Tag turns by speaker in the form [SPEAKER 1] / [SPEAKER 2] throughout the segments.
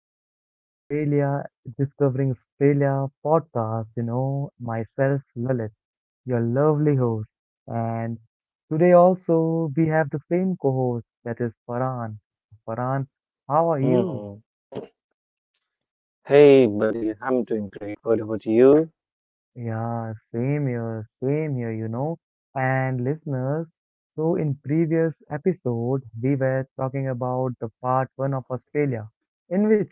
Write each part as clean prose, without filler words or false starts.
[SPEAKER 1] two of Australia Discovering Australia podcast. You know, myself, Lalit, your lovely host. And today also we have the same co-host that is Farhan. Farhan, how are you?
[SPEAKER 2] Mm. Hey, buddy, I'm doing great. What about you?
[SPEAKER 1] Yeah, same here, you know. And listeners, so in previous episode, we were talking about the part one of Australia, in which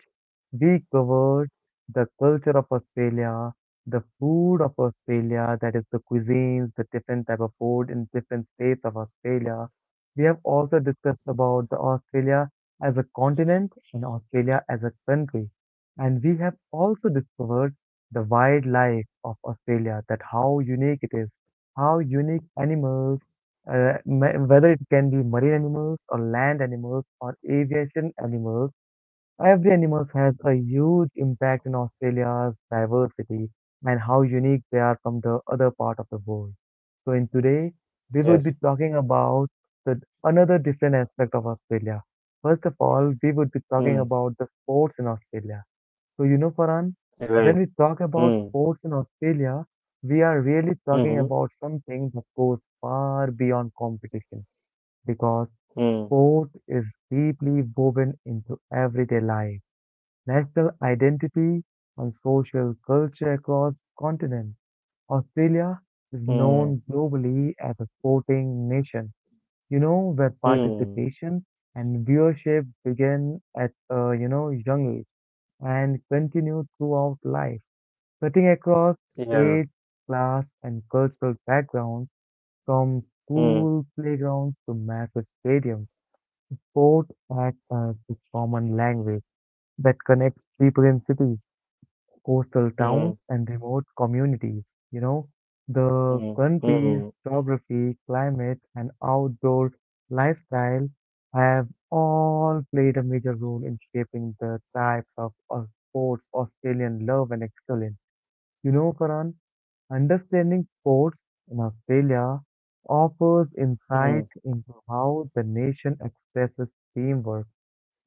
[SPEAKER 1] we covered the culture of Australia, the food of Australia, that is the cuisines, the different type of food in different states of Australia. We have also discussed about the Australia as a continent and Australia as a country. And we have also discovered the wildlife of Australia, that how unique it is, how unique animals, whether it can be marine animals or land animals or aviation animals, every animal has a huge impact in Australia's diversity and how unique they are from the other part of the world. So, in today, we would be
[SPEAKER 2] Yes.
[SPEAKER 1] talking about the another different aspect of Australia. First of all, we would be talking
[SPEAKER 2] Mm.
[SPEAKER 1] about the sports in Australia so, you know, Farhan,
[SPEAKER 2] You're
[SPEAKER 1] when
[SPEAKER 2] right.
[SPEAKER 1] we talk about
[SPEAKER 2] Mm.
[SPEAKER 1] sports in Australia, we are really talking
[SPEAKER 2] Mm-hmm.
[SPEAKER 1] about something that goes far beyond competition because
[SPEAKER 2] Mm.
[SPEAKER 1] sport is deeply woven into everyday life, national identity, and social culture across continents. Australia is
[SPEAKER 2] Mm.
[SPEAKER 1] known globally as a sporting nation, you know, where
[SPEAKER 2] Mm.
[SPEAKER 1] participation and viewership begin at a, you know, young age and continue throughout life. Cutting across
[SPEAKER 2] Yeah.
[SPEAKER 1] age, class, and cultural backgrounds, from
[SPEAKER 2] Mm.
[SPEAKER 1] school playgrounds to massive stadiums, sport acts as the common language that connects people in cities, coastal towns,
[SPEAKER 2] Mm.
[SPEAKER 1] and remote communities. You know, the
[SPEAKER 2] Mm.
[SPEAKER 1] country's
[SPEAKER 2] Mm.
[SPEAKER 1] geography, climate, and outdoor lifestyle have all played a major role in shaping the types of sports Australian love and excel in. You know, Farhan, understanding sports in Australia offers insight
[SPEAKER 2] Mm.
[SPEAKER 1] into how the nation expresses teamwork,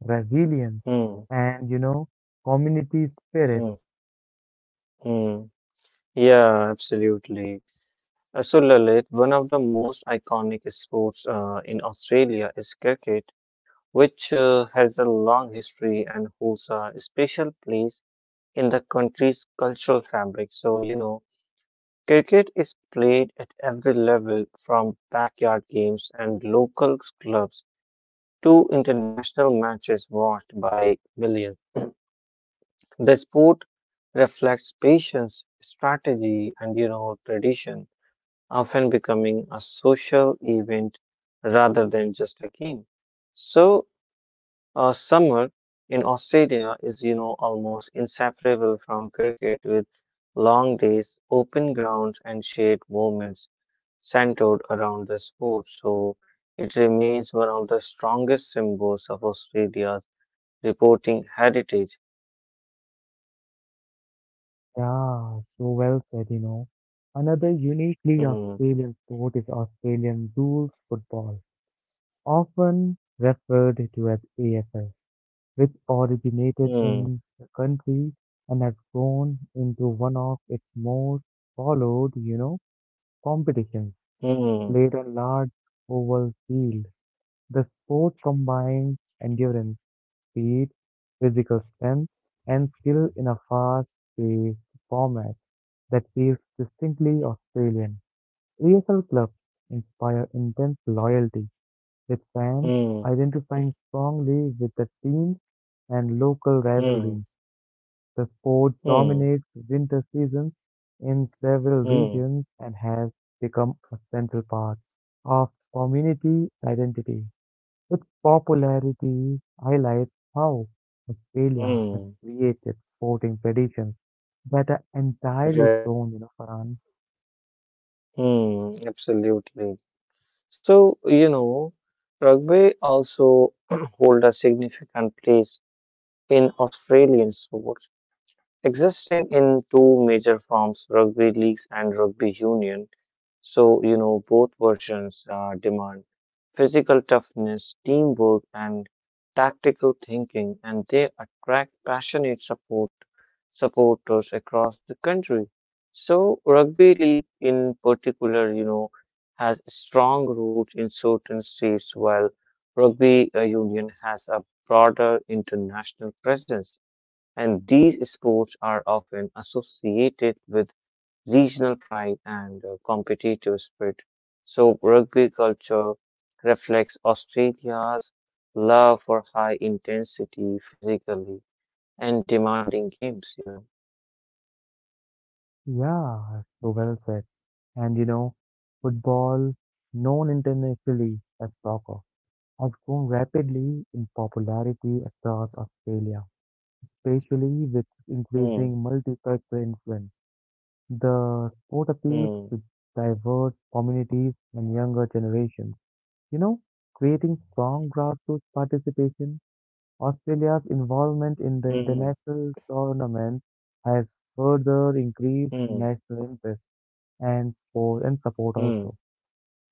[SPEAKER 1] resilience,
[SPEAKER 2] Mm.
[SPEAKER 1] and, you know, community spirit.
[SPEAKER 2] Mm. Mm. Yeah, absolutely. So, Lalit, one of the most iconic sports in Australia is cricket, which has a long history and holds a special place in the country's cultural fabric. Cricket is played at every level, from backyard games and local clubs to international matches watched by millions. The sport reflects patience, strategy, and tradition, often becoming a social event rather than just a game. So, summer in Australia is, you know, almost inseparable from cricket, with long days, open grounds, and shared moments centered around the sport. So it remains one of the strongest symbols of Australia's reporting heritage.
[SPEAKER 1] Yeah, so well said, you know. Another uniquely
[SPEAKER 2] Mm,
[SPEAKER 1] Australian sport is Australian rules football, often referred to as AFL, which originated
[SPEAKER 2] mm,
[SPEAKER 1] in the country and has grown into one of its most followed, you know, competitions
[SPEAKER 2] mm,
[SPEAKER 1] played on large oval fields. The sport combines endurance, speed, physical strength, and skill in a fast-paced format that feels distinctly Australian. AFL clubs inspire intense loyalty, with fans
[SPEAKER 2] mm,
[SPEAKER 1] identifying strongly with the teams and local
[SPEAKER 2] mm,
[SPEAKER 1] rivalries. The sport
[SPEAKER 2] mm,
[SPEAKER 1] dominates winter seasons in several
[SPEAKER 2] mm,
[SPEAKER 1] regions and has become a central part of community identity. Its popularity highlights how Australia has
[SPEAKER 2] mm.
[SPEAKER 1] created sporting traditions that are entirely its
[SPEAKER 2] Right.
[SPEAKER 1] own, you know, Farhan.
[SPEAKER 2] Mm, absolutely. So, you know, rugby also hold a significant place in Australian sport, existing in two major forms, rugby leagues and rugby union. So, you know, both versions demand physical toughness, teamwork, and tactical thinking, and they attract passionate supporters across the country. So, rugby league, in particular, you know, has strong roots in certain states, while rugby union has a broader international presence, and these sports are often associated with regional pride and competitive spirit. So, rugby culture reflects Australia's love for high intensity, physically and demanding games, you know.
[SPEAKER 1] Yeah, so well said. And you know, football, known internationally as soccer, has grown rapidly in popularity across Australia, especially with
[SPEAKER 2] Hmm,
[SPEAKER 1] increasing multicultural influence. The sport appeals
[SPEAKER 2] hmm,
[SPEAKER 1] to diverse communities and younger generations. You know, creating strong grassroots participation, Australia's involvement in the
[SPEAKER 2] hmm,
[SPEAKER 1] international tournament has further increased
[SPEAKER 2] hmm,
[SPEAKER 1] national interest and sport and support
[SPEAKER 2] hmm,
[SPEAKER 1] also.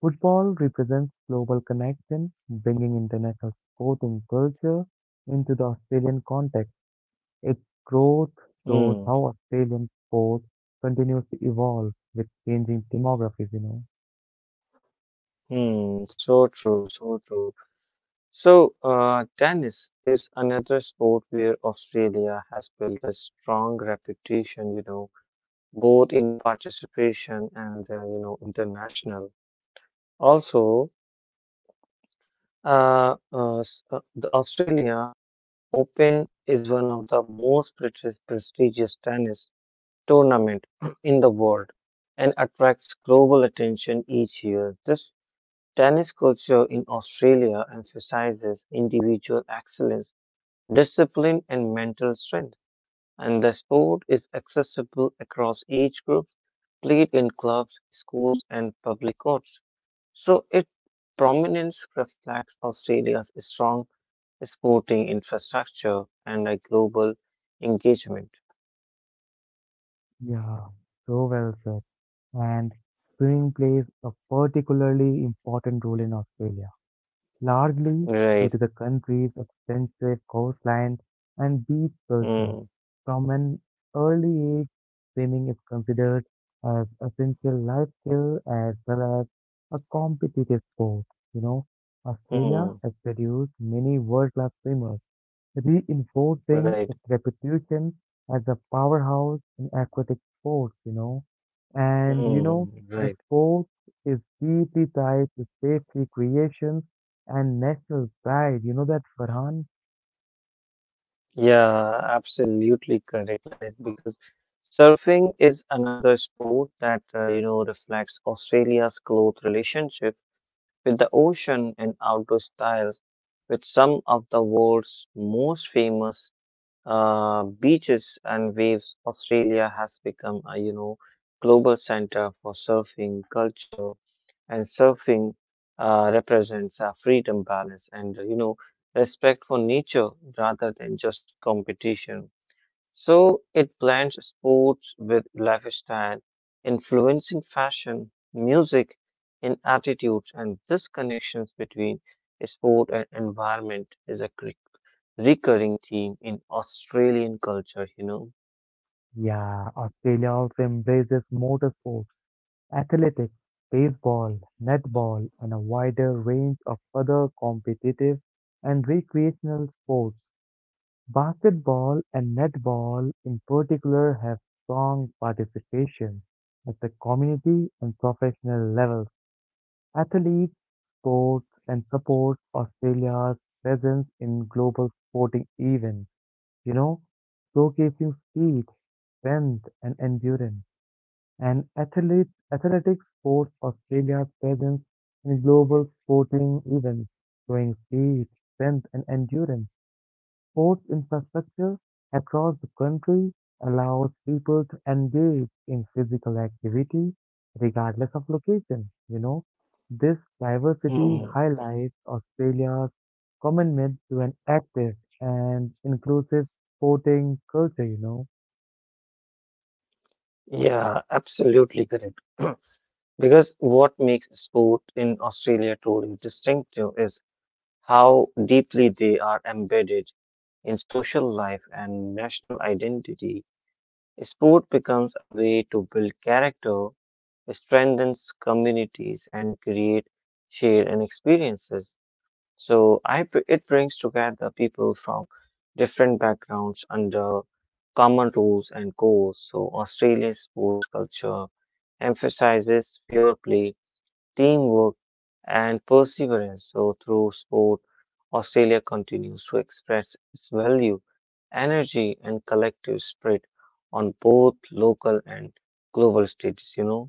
[SPEAKER 1] Football represents global connection, bringing international sporting culture into the Australian context. Its growth shows
[SPEAKER 2] hmm,
[SPEAKER 1] how Australian sport continues to evolve with changing demographics, you know.
[SPEAKER 2] hmm. So true, so true. So, tennis is another sport where Australia has built a strong reputation, you know, both in participation and you know international. Also, the Australia Open is one of the most prestigious tennis tournament in the world and attracts global attention each year. This tennis culture in Australia emphasizes individual excellence, discipline, and mental strength, and the sport is accessible across age groups, played in clubs, schools, and public courts. So its prominence reflects Australia's strong sporting infrastructure and a global engagement.
[SPEAKER 1] Yeah, so well said. And swimming plays a particularly important role in Australia, largely due
[SPEAKER 2] Right.
[SPEAKER 1] to the country's extensive coastline and beach culture.
[SPEAKER 2] Mm,
[SPEAKER 1] From an early age, swimming is considered as essential life skill as well as a competitive sport. You know, Australia
[SPEAKER 2] mm,
[SPEAKER 1] has produced many world-class swimmers, reinforcing
[SPEAKER 2] right.
[SPEAKER 1] its reputation as a powerhouse in aquatic sports. You know, and you know
[SPEAKER 2] Mm,
[SPEAKER 1] the
[SPEAKER 2] right.
[SPEAKER 1] sport is deeply tied to safety creation and national pride, you know that Farhan?
[SPEAKER 2] Yeah, absolutely correct, Lalit, because surfing is another sport that, you know, reflects Australia's close relationship with the ocean and outdoor styles. With some of the world's most famous beaches and waves, Australia has become a, you know, global center for surfing culture, and surfing represents a freedom, balance, and, you know, respect for nature rather than just competition. So it blends sports with lifestyle, influencing fashion, music, and attitudes. And this connections between sport and environment is a recurring theme in Australian culture, you know.
[SPEAKER 1] Yeah, Australia also embraces motorsports, athletics, baseball, netball, and a wider range of other competitive and recreational sports. Basketball and netball, in particular, have strong participation at the community and professional levels. Athletes, sports, and support Australia's presence in global sporting events, you know, showcasing speed, strength, and endurance. And athlete, athletics sports Australia's presence in global sporting events, showing speed, strength, and endurance. Sports infrastructure across the country allows people to engage in physical activity regardless of location. You know, this diversity
[SPEAKER 2] Hmm.
[SPEAKER 1] highlights Australia's commitment to an active and inclusive sporting culture, you know.
[SPEAKER 2] Yeah, absolutely correct. Because what makes sport in Australia truly distinctive is how deeply they are embedded in social life and national identity. Sport becomes a way to build character, strengthens communities, and create shared and experiences. So it brings together people from different backgrounds under common rules and goals. So Australian sports culture emphasizes fair play, teamwork, and perseverance. So, through sport, Australia continues to express its value, energy, and collective spirit on both local and global stages, you know.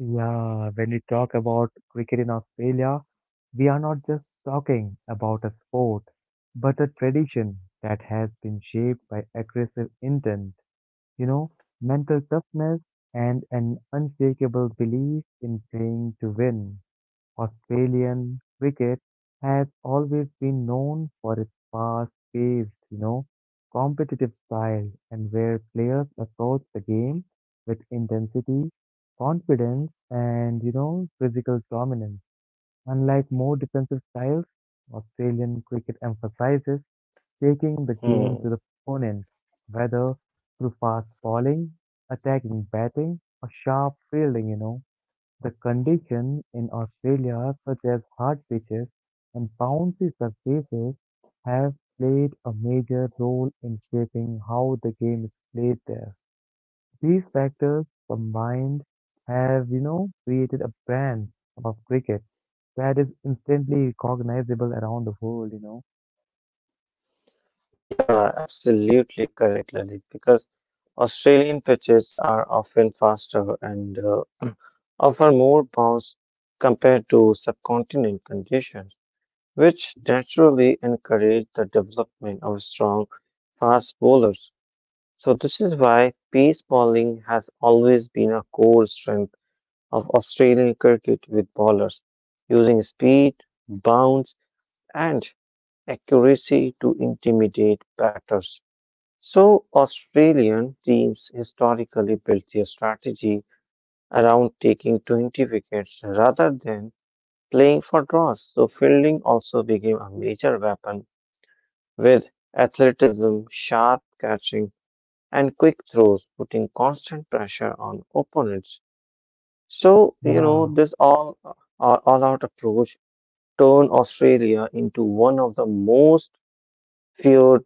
[SPEAKER 1] Yeah, when we talk about cricket in Australia, we are not just talking about a sport, but a tradition that has been shaped by aggressive intent, you know, mental toughness and an unshakable belief in playing to win. Australian cricket has always been known for its fast-paced, you know, competitive style and where players approach the game with intensity, confidence and, you know, physical dominance. Unlike more defensive styles, Australian cricket emphasizes taking the game to the
[SPEAKER 2] Hmm.
[SPEAKER 1] opponent, whether through fast bowling, attacking batting, or sharp fielding, you know. The condition in Australia, such as hard pitches and bouncy surfaces, have played a major role in shaping how the game is played there. These factors combined have, you know, created a brand of cricket that is instantly recognizable around the world, you know.
[SPEAKER 2] Yeah, absolutely correct, Lalit, because Australian pitches are often faster and offer more bounce compared to subcontinent conditions, which naturally encourage the development of strong, fast bowlers. So this is why pace bowling has always been a core strength of Australian cricket, with bowlers using speed, bounce, and accuracy to intimidate batters. So Australian teams historically built their strategy around taking 20 wickets rather than playing for draws. So fielding also became a major weapon, with athleticism, sharp catching, and quick throws, putting constant pressure on opponents. So, you know,
[SPEAKER 1] Yeah.
[SPEAKER 2] this all out approach turned Australia into one of the most feared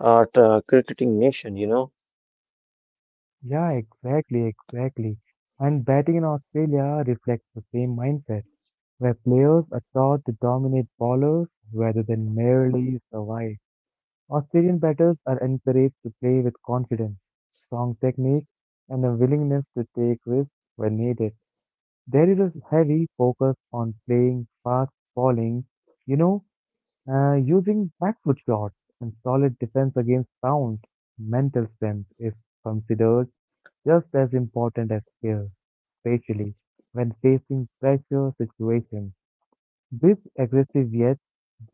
[SPEAKER 2] cricketing nation, you know.
[SPEAKER 1] Yeah, exactly. And batting in Australia reflects the same mindset, where players are taught to dominate bowlers rather than merely survive. Australian batters are encouraged to play with confidence, strong technique, and a willingness to take risks when needed. There is a heavy focus on playing fast bowling, you know, using back foot shots and solid defense against bounce. Mental strength is considered just as important as care, especially when facing pressure situations. This aggressive yet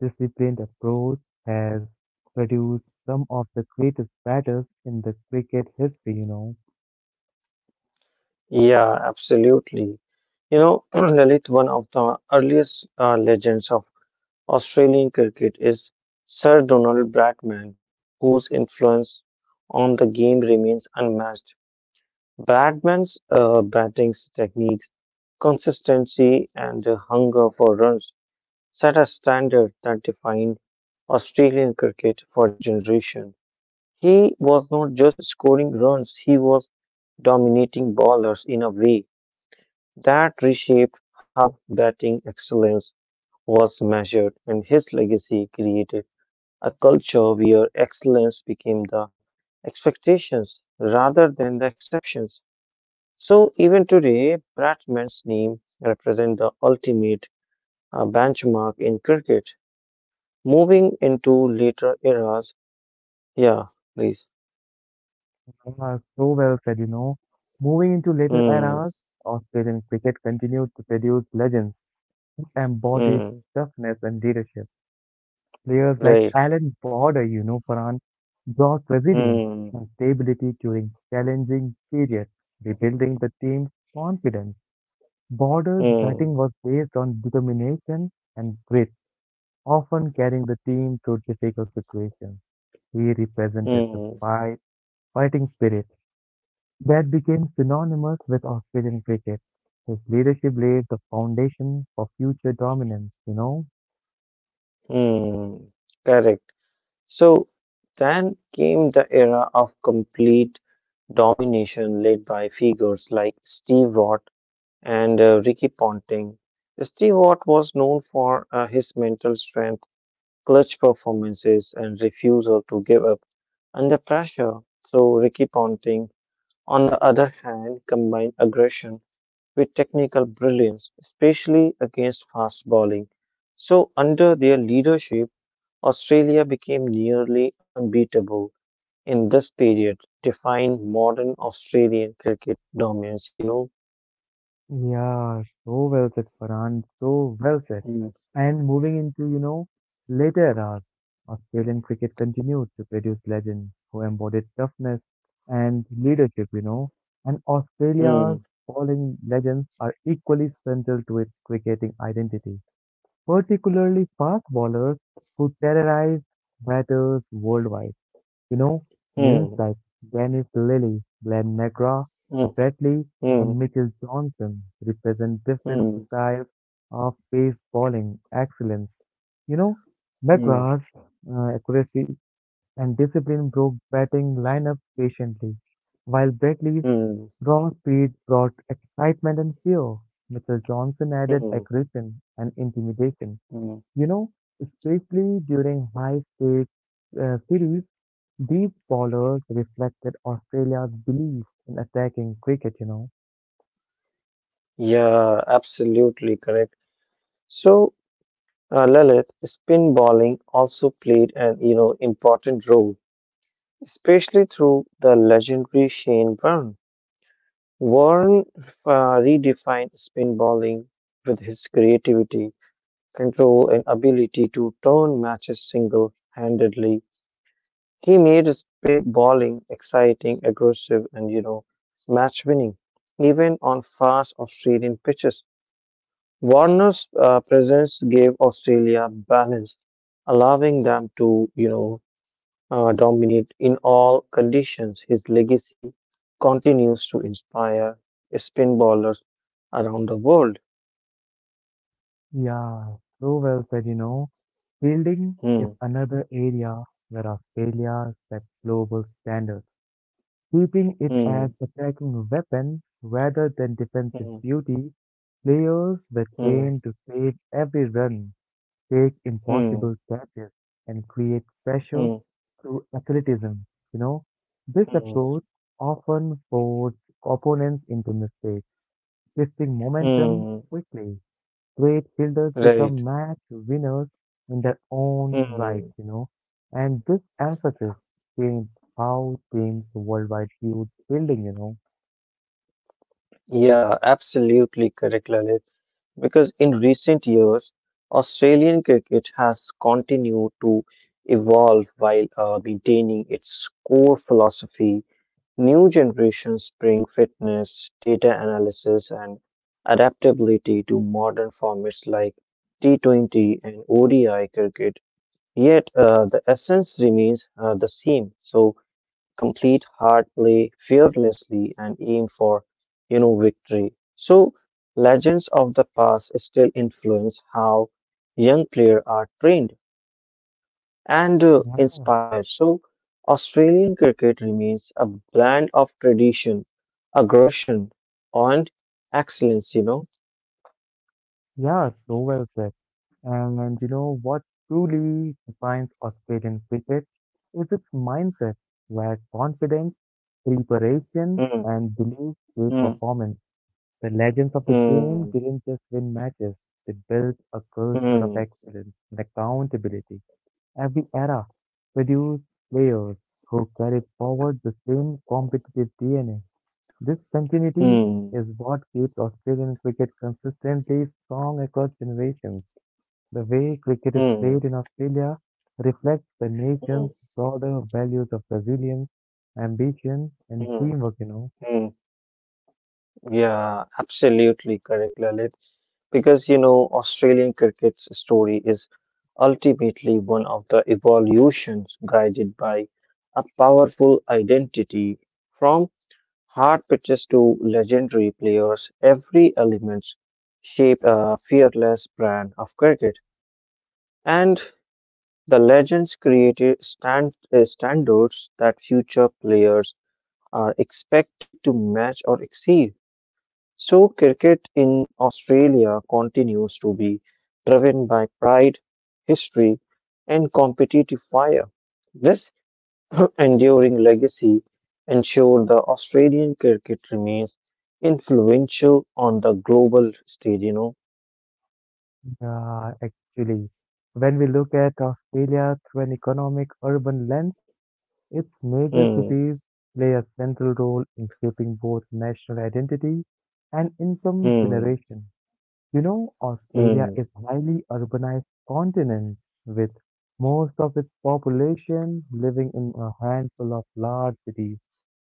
[SPEAKER 1] disciplined approach has produced some of the greatest batters in the cricket history, you know.
[SPEAKER 2] Yeah, absolutely. You know, Lalit, one of the earliest legends of Australian cricket is Sir Donald Bradman, whose influence on the game remains unmatched. Bradman's batting technique, consistency, and the hunger for runs set a standard that defined Australian cricket for generations. He was not just scoring runs, he was dominating bowlers in a way that reshaped how batting excellence was measured, and his legacy created a culture where excellence became the expectations rather than the exceptions. So even today, Bradman's name represents the ultimate benchmark in cricket. Moving into later eras, yeah, please.
[SPEAKER 1] Ah, so well said, you know. Moving into later
[SPEAKER 2] Hmm,
[SPEAKER 1] eras, Australian cricket continued to produce legends who embodied
[SPEAKER 2] hmm,
[SPEAKER 1] toughness and leadership. Players like
[SPEAKER 2] right.
[SPEAKER 1] Alan Border, you know, Farhan, brought resilience
[SPEAKER 2] Hmm,
[SPEAKER 1] and stability during challenging periods, rebuilding the team's confidence. Border's
[SPEAKER 2] hmm,
[SPEAKER 1] batting was based on determination and grit, often carrying the team through difficult situations. He represented the
[SPEAKER 2] hmm,
[SPEAKER 1] fight, fighting spirit that became synonymous with Australian cricket. His leadership laid the foundation for future dominance, you know.
[SPEAKER 2] hmm. Correct. So then came the era of complete domination led by figures like Steve Watt and Ricky Ponting. Steve Watt was known for his mental strength, clutch performances, and refusal to give up under pressure. So Ricky Ponting, on the other hand, combined aggression with technical brilliance, especially against fast bowling. So under their leadership, Australia became nearly unbeatable in this period, defined modern Australian cricket dominance, you know.
[SPEAKER 1] Yeah, so well said, Farhan. So well said.
[SPEAKER 2] Hmm,
[SPEAKER 1] And moving into, you know, later eras, Australian cricket continued to produce legends who embodied toughness and leadership, you know. And
[SPEAKER 2] hmm,
[SPEAKER 1] Australia's bowling legends are equally central to its cricketing identity, particularly fast bowlers who terrorized batters worldwide. You know, names
[SPEAKER 2] hmm,
[SPEAKER 1] like Dennis Lilly, Glenn McGrath,
[SPEAKER 2] hmm,
[SPEAKER 1] Brett Lee, and
[SPEAKER 2] hmm,
[SPEAKER 1] Mitchell Johnson represent different
[SPEAKER 2] hmm,
[SPEAKER 1] styles of baseballing excellence. You know,
[SPEAKER 2] hmm,
[SPEAKER 1] McGrath's accuracy and discipline broke batting lineups patiently, while Brett Lee's
[SPEAKER 2] hmm,
[SPEAKER 1] raw speed brought excitement and fear. Mitchell Johnson added
[SPEAKER 2] hmm,
[SPEAKER 1] aggression and intimidation.
[SPEAKER 2] hmm.
[SPEAKER 1] You know, especially during high stakes series, these bowlers reflected Australia's belief in attacking cricket, you know.
[SPEAKER 2] Yeah, absolutely correct. So, Lalit, spin bowling also played an, you know, important role, especially through the legendary Shane Warne. Warne redefined spin bowling with his creativity, control, and ability to turn matches single-handedly. He made spin bowling exciting, aggressive, and, you know, match-winning, even on fast Australian pitches. Warner's presence gave Australia balance, allowing them to, you know, dominate in all conditions. His legacy continues to inspire spin bowlers around the world.
[SPEAKER 1] Yeah, so well said, you know. Fielding is
[SPEAKER 2] Hmm,
[SPEAKER 1] another area where Australia set global standards, keeping it
[SPEAKER 2] hmm,
[SPEAKER 1] as attacking weapon rather than defensive
[SPEAKER 2] hmm,
[SPEAKER 1] duty. Players were
[SPEAKER 2] hmm,
[SPEAKER 1] trained to save every run, take
[SPEAKER 2] hmm,
[SPEAKER 1] impossible catches and create pressure
[SPEAKER 2] hmm,
[SPEAKER 1] through athleticism. You know, this
[SPEAKER 2] hmm, hmm,
[SPEAKER 1] approach often forces opponents into mistakes, shifting momentum
[SPEAKER 2] hmm.
[SPEAKER 1] quickly. Great fielders
[SPEAKER 2] Right.
[SPEAKER 1] become match winners in their own right,
[SPEAKER 2] Hmm.
[SPEAKER 1] you know, and this emphasis changed how teams worldwide viewed fielding, you know.
[SPEAKER 2] Yeah, absolutely correct, Lalit, because in recent years, Australian cricket has continued to evolve while maintaining its core philosophy. New generations bring fitness, data analysis, and adaptability to modern formats like T20 and ODI cricket. Yet the essence remains the same. So complete hard, play fearlessly, and aim for, you know, victory. So legends of the past still influence how young players are trained and
[SPEAKER 1] Yeah.
[SPEAKER 2] inspired. So Australian cricket remains a blend of tradition, aggression, and excellence, you know.
[SPEAKER 1] Yeah, so well said. And you know what truly defines Australian cricket is its mindset, where confidence, preparation,
[SPEAKER 2] Hmm.
[SPEAKER 1] and belief gave
[SPEAKER 2] Hmm.
[SPEAKER 1] performance. The legends of the game
[SPEAKER 2] Hmm.
[SPEAKER 1] didn't just win matches, they built a culture of
[SPEAKER 2] Hmm.
[SPEAKER 1] excellence and accountability. Every era produced players who carried forward the same competitive DNA. This continuity
[SPEAKER 2] Hmm.
[SPEAKER 1] is what keeps Australian cricket consistently strong across generations. The way cricket is
[SPEAKER 2] Hmm.
[SPEAKER 1] played
[SPEAKER 2] Hmm.
[SPEAKER 1] in Australia reflects the
[SPEAKER 2] Hmm.
[SPEAKER 1] nation's broader values of resilience, ambition, and
[SPEAKER 2] Hmm.
[SPEAKER 1] teamwork, you know.
[SPEAKER 2] Hmm. Yeah, absolutely correct, Lalit. Because you know, Australian cricket's story is ultimately one of the evolutions guided by a powerful identity. From hard pitches to legendary players, every element shaped a fearless brand of cricket. And the legends created standards that future players are expected to match or exceed. So, cricket in Australia continues to be driven by pride, history, and competitive fire. This enduring legacy ensures the Australian cricket remains influential on the global stage, you know.
[SPEAKER 1] Yeah, actually, when we look at Australia through an economic urban lens, its major
[SPEAKER 2] Hmm,
[SPEAKER 1] cities play a central role in shaping both national identity and income
[SPEAKER 2] hmm,
[SPEAKER 1] generation. You know, Australia
[SPEAKER 2] hmm,
[SPEAKER 1] is a highly urbanized continent with most of its population living in a handful of large cities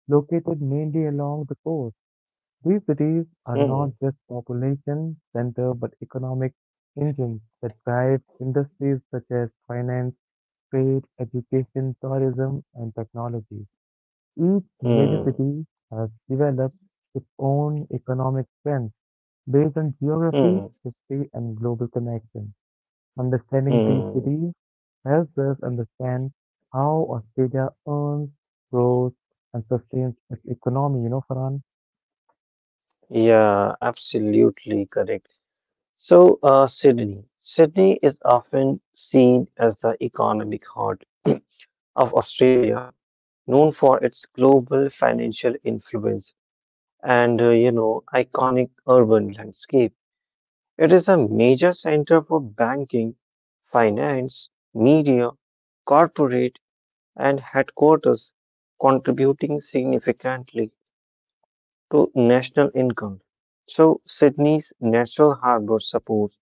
[SPEAKER 1] located mainly along the coast. These cities are
[SPEAKER 2] hmm,
[SPEAKER 1] not just population center but economic engines that drive industries such as finance, trade, education, tourism, and technology. Each major
[SPEAKER 2] hmm,
[SPEAKER 1] city has developed its own economic trends based on geography,
[SPEAKER 2] hmm,
[SPEAKER 1] history, and global connections. Understanding these
[SPEAKER 2] hmm.
[SPEAKER 1] cities helps us understand how Australia earns, grows, and sustains its economy, you know, Farhan.
[SPEAKER 2] Yeah, absolutely correct. So, Sydney. Sydney is often seen as the economic heart of Australia, known for its global financial influence and, you know, iconic urban landscape. It is a major center for banking, finance, media, corporate, and headquarters, contributing significantly to national income. So, Sydney's natural harbor supports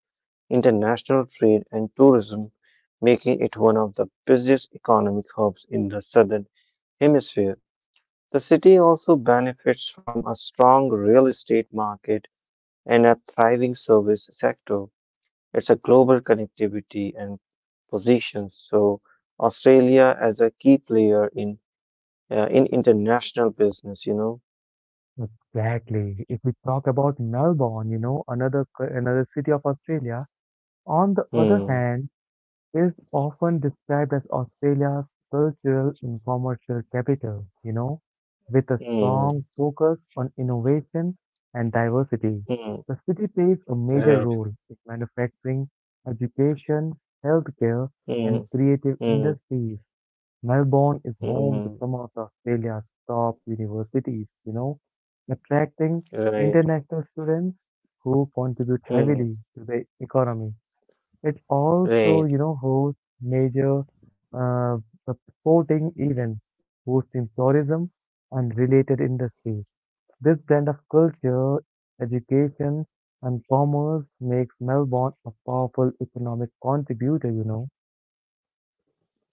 [SPEAKER 2] international trade and tourism, making it one of the busiest economic hubs in the southern hemisphere. The city also benefits from a strong real estate market and a thriving service sector. It's a global connectivity and positions. So Australia as a key player in international business, you know.
[SPEAKER 1] Exactly. If we talk about Melbourne, you know, another city of Australia, on the other
[SPEAKER 2] Hmm.
[SPEAKER 1] hand, is often described as Australia's cultural and commercial capital, you know, with a
[SPEAKER 2] Hmm.
[SPEAKER 1] strong focus on innovation and diversity.
[SPEAKER 2] Hmm.
[SPEAKER 1] The city plays a major
[SPEAKER 2] Right.
[SPEAKER 1] role in manufacturing, education, healthcare, and
[SPEAKER 2] Hmm.
[SPEAKER 1] creative
[SPEAKER 2] Hmm.
[SPEAKER 1] industries. Melbourne is home to
[SPEAKER 2] Hmm.
[SPEAKER 1] some of Australia's top universities, you know, attracting
[SPEAKER 2] Right.
[SPEAKER 1] international students who contribute
[SPEAKER 2] Hmm.
[SPEAKER 1] heavily to the economy. It also,
[SPEAKER 2] Right.
[SPEAKER 1] you know, hosts major uh, sporting events, hosting tourism and related industries. This blend of culture, education, and commerce makes Melbourne a powerful economic contributor, you know.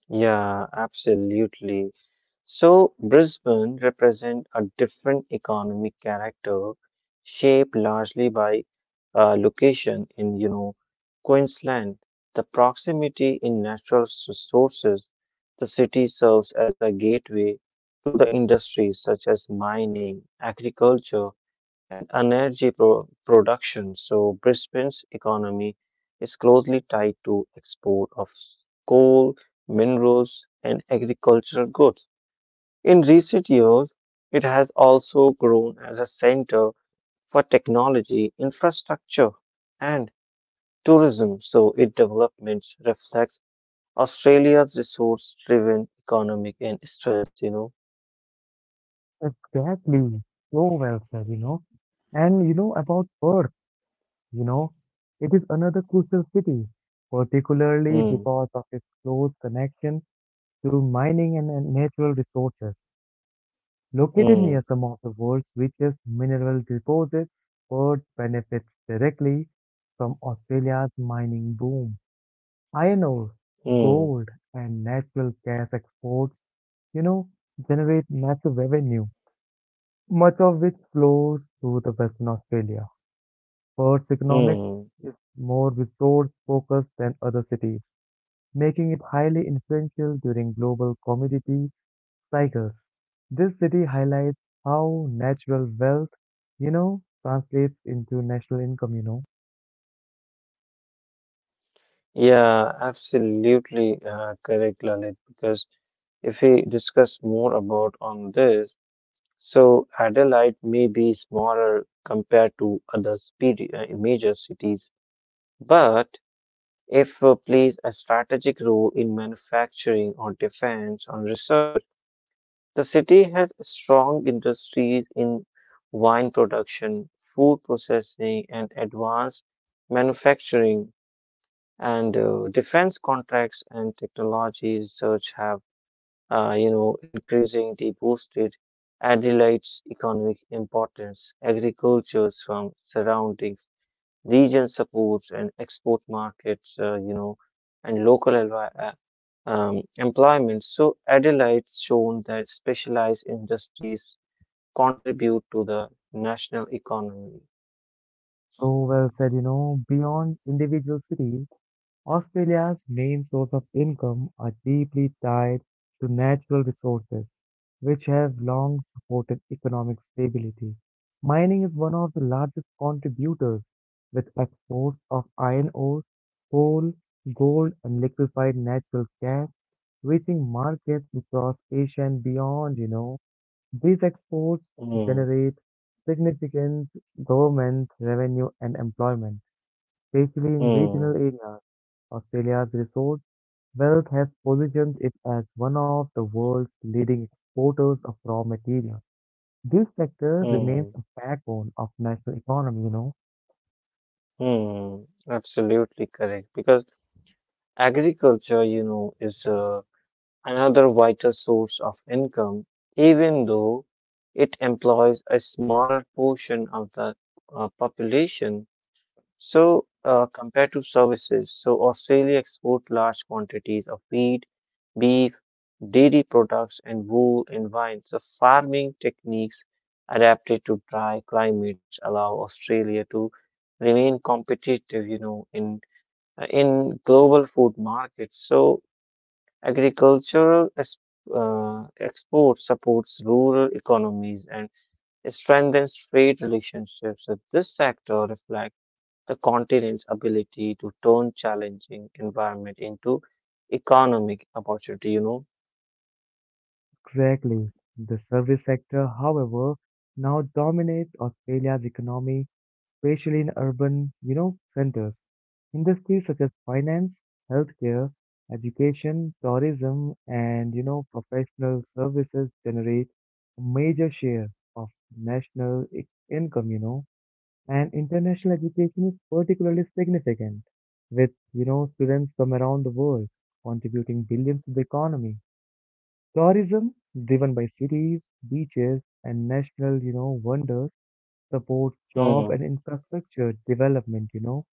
[SPEAKER 2] Yeah, absolutely. So Brisbane represent a different economic character shaped largely by location in, you know, Queensland. The proximity in natural sources, the city serves as a gateway to the industries such as mining, agriculture, and energy production. So Brisbane's economy is closely tied to export of coal, minerals, and agricultural goods. In recent years, it has also grown as a center for technology, infrastructure, and tourism. So its developments reflects Australia's resource-driven economic and strengths, you know.
[SPEAKER 1] Exactly. So well said, you know. And you know about Perth, you know, it is another crucial city, particularly
[SPEAKER 2] Hmm.
[SPEAKER 1] because of its close connection to mining and natural resources. Located
[SPEAKER 2] Hmm.
[SPEAKER 1] near some of the world's richest mineral deposits, Perth benefits directly from Australia's mining boom. Iron ore,
[SPEAKER 2] Hmm.
[SPEAKER 1] gold, and natural gas exports, you know, generate massive revenue, much of which flows to the Western Australia. Perth's economic
[SPEAKER 2] Hmm.
[SPEAKER 1] is more resource focused than other cities, making it highly influential during global commodity cycles. This city highlights how natural wealth, translates into national income.
[SPEAKER 2] Yeah, absolutely correct, Lalit. Because if we discuss more about on this, so Adelaide may be smaller compared to other major cities, but if plays a strategic role in manufacturing or defense or research. The city has strong industries in wine production, food processing, and advanced manufacturing, and defense contracts and technology research have, you know, increasingly boosted Adelaide's economic importance. Agriculture from surroundings, region supports and export markets, you know, and local employment. So Adelaide's shown that specialized industries contribute to the national economy.
[SPEAKER 1] So well said, beyond individual cities, Australia's main source of income are deeply tied to natural resources, which have long supported economic stability. Mining is one of the largest contributors, with exports of iron ore, coal, gold, and liquefied natural gas reaching markets across Asia and beyond. These exports
[SPEAKER 2] Hmm,
[SPEAKER 1] generate significant government revenue and employment, especially in regional
[SPEAKER 2] hmm,
[SPEAKER 1] areas. Australia's resource wealth has positioned it as one of the world's leading exporters of raw materials. This sector remains
[SPEAKER 2] hmm,
[SPEAKER 1] a backbone of national economy.
[SPEAKER 2] hmm. Absolutely correct. Because agriculture, you know, is another vital source of income, even though it employs a smaller portion of the population. So, compared to services, so Australia exports large quantities of wheat, beef, dairy products, and wool and wine. So, farming techniques adapted to dry climates allow Australia to remain competitive, you know, in global food markets. So agricultural export supports rural economies and strengthens trade relationships. So this sector reflects the continent's ability to turn challenging environment into economic opportunity, you know.
[SPEAKER 1] Exactly. The service sector, however, now dominates Australia's economy, especially in urban, centers. Industries such as finance, healthcare, education, tourism, and, professional services generate a major share of national income. And international education is particularly significant, with students from around the world contributing billions to the economy. Tourism, driven by cities, beaches, and national wonders, supports job
[SPEAKER 2] Hmm,
[SPEAKER 1] and infrastructure development.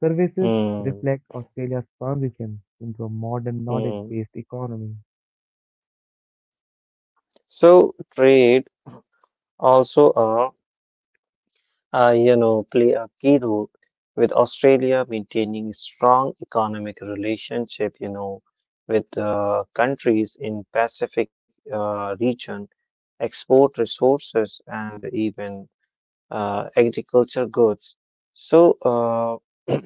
[SPEAKER 1] Services
[SPEAKER 2] hmm,
[SPEAKER 1] reflect Australia's transition into a modern
[SPEAKER 2] hmm.
[SPEAKER 1] knowledge-based economy.
[SPEAKER 2] So trade also a play a key role with Australia maintaining strong economic relationship, with countries in Pacific region, export resources and even agriculture goods. So uh,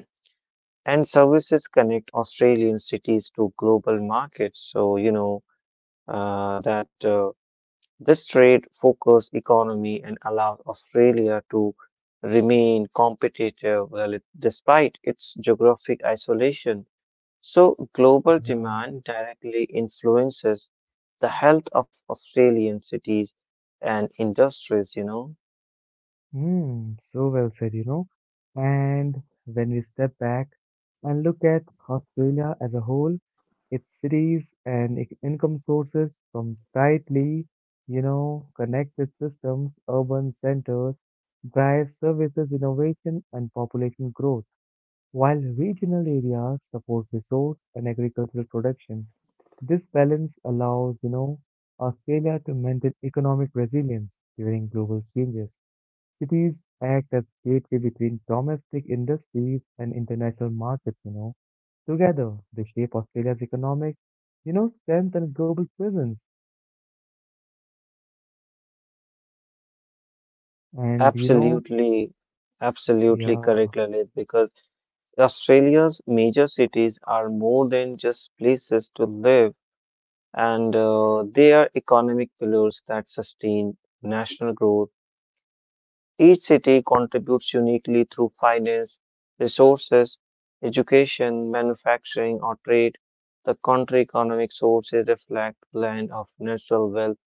[SPEAKER 2] and services connect Australian cities to global markets. So you know that. This trade focused economy and allowed Australia to remain competitive despite its geographic isolation. So, global
[SPEAKER 1] Yeah.
[SPEAKER 2] demand directly influences the health of Australian cities and industries, you know.
[SPEAKER 1] Hmm. So well said. And when we step back and look at Australia as a whole. Its cities and income sources from tightly, connected systems, urban centers drive services innovation and population growth, while regional areas support resource and agricultural production. This balance allows, Australia to maintain economic resilience during global changes. Cities act as gateway between domestic industries and international markets. Together, they shape Australia's economic, strength and global presence. And
[SPEAKER 2] Absolutely, absolutely
[SPEAKER 1] yeah,
[SPEAKER 2] correct, Lalit, because Australia's major cities are more than just places to live. And they are economic pillars that sustain national growth. Each city contributes uniquely through finance, resources, education, manufacturing, or trade. The country economic sources reflect blend of natural wealth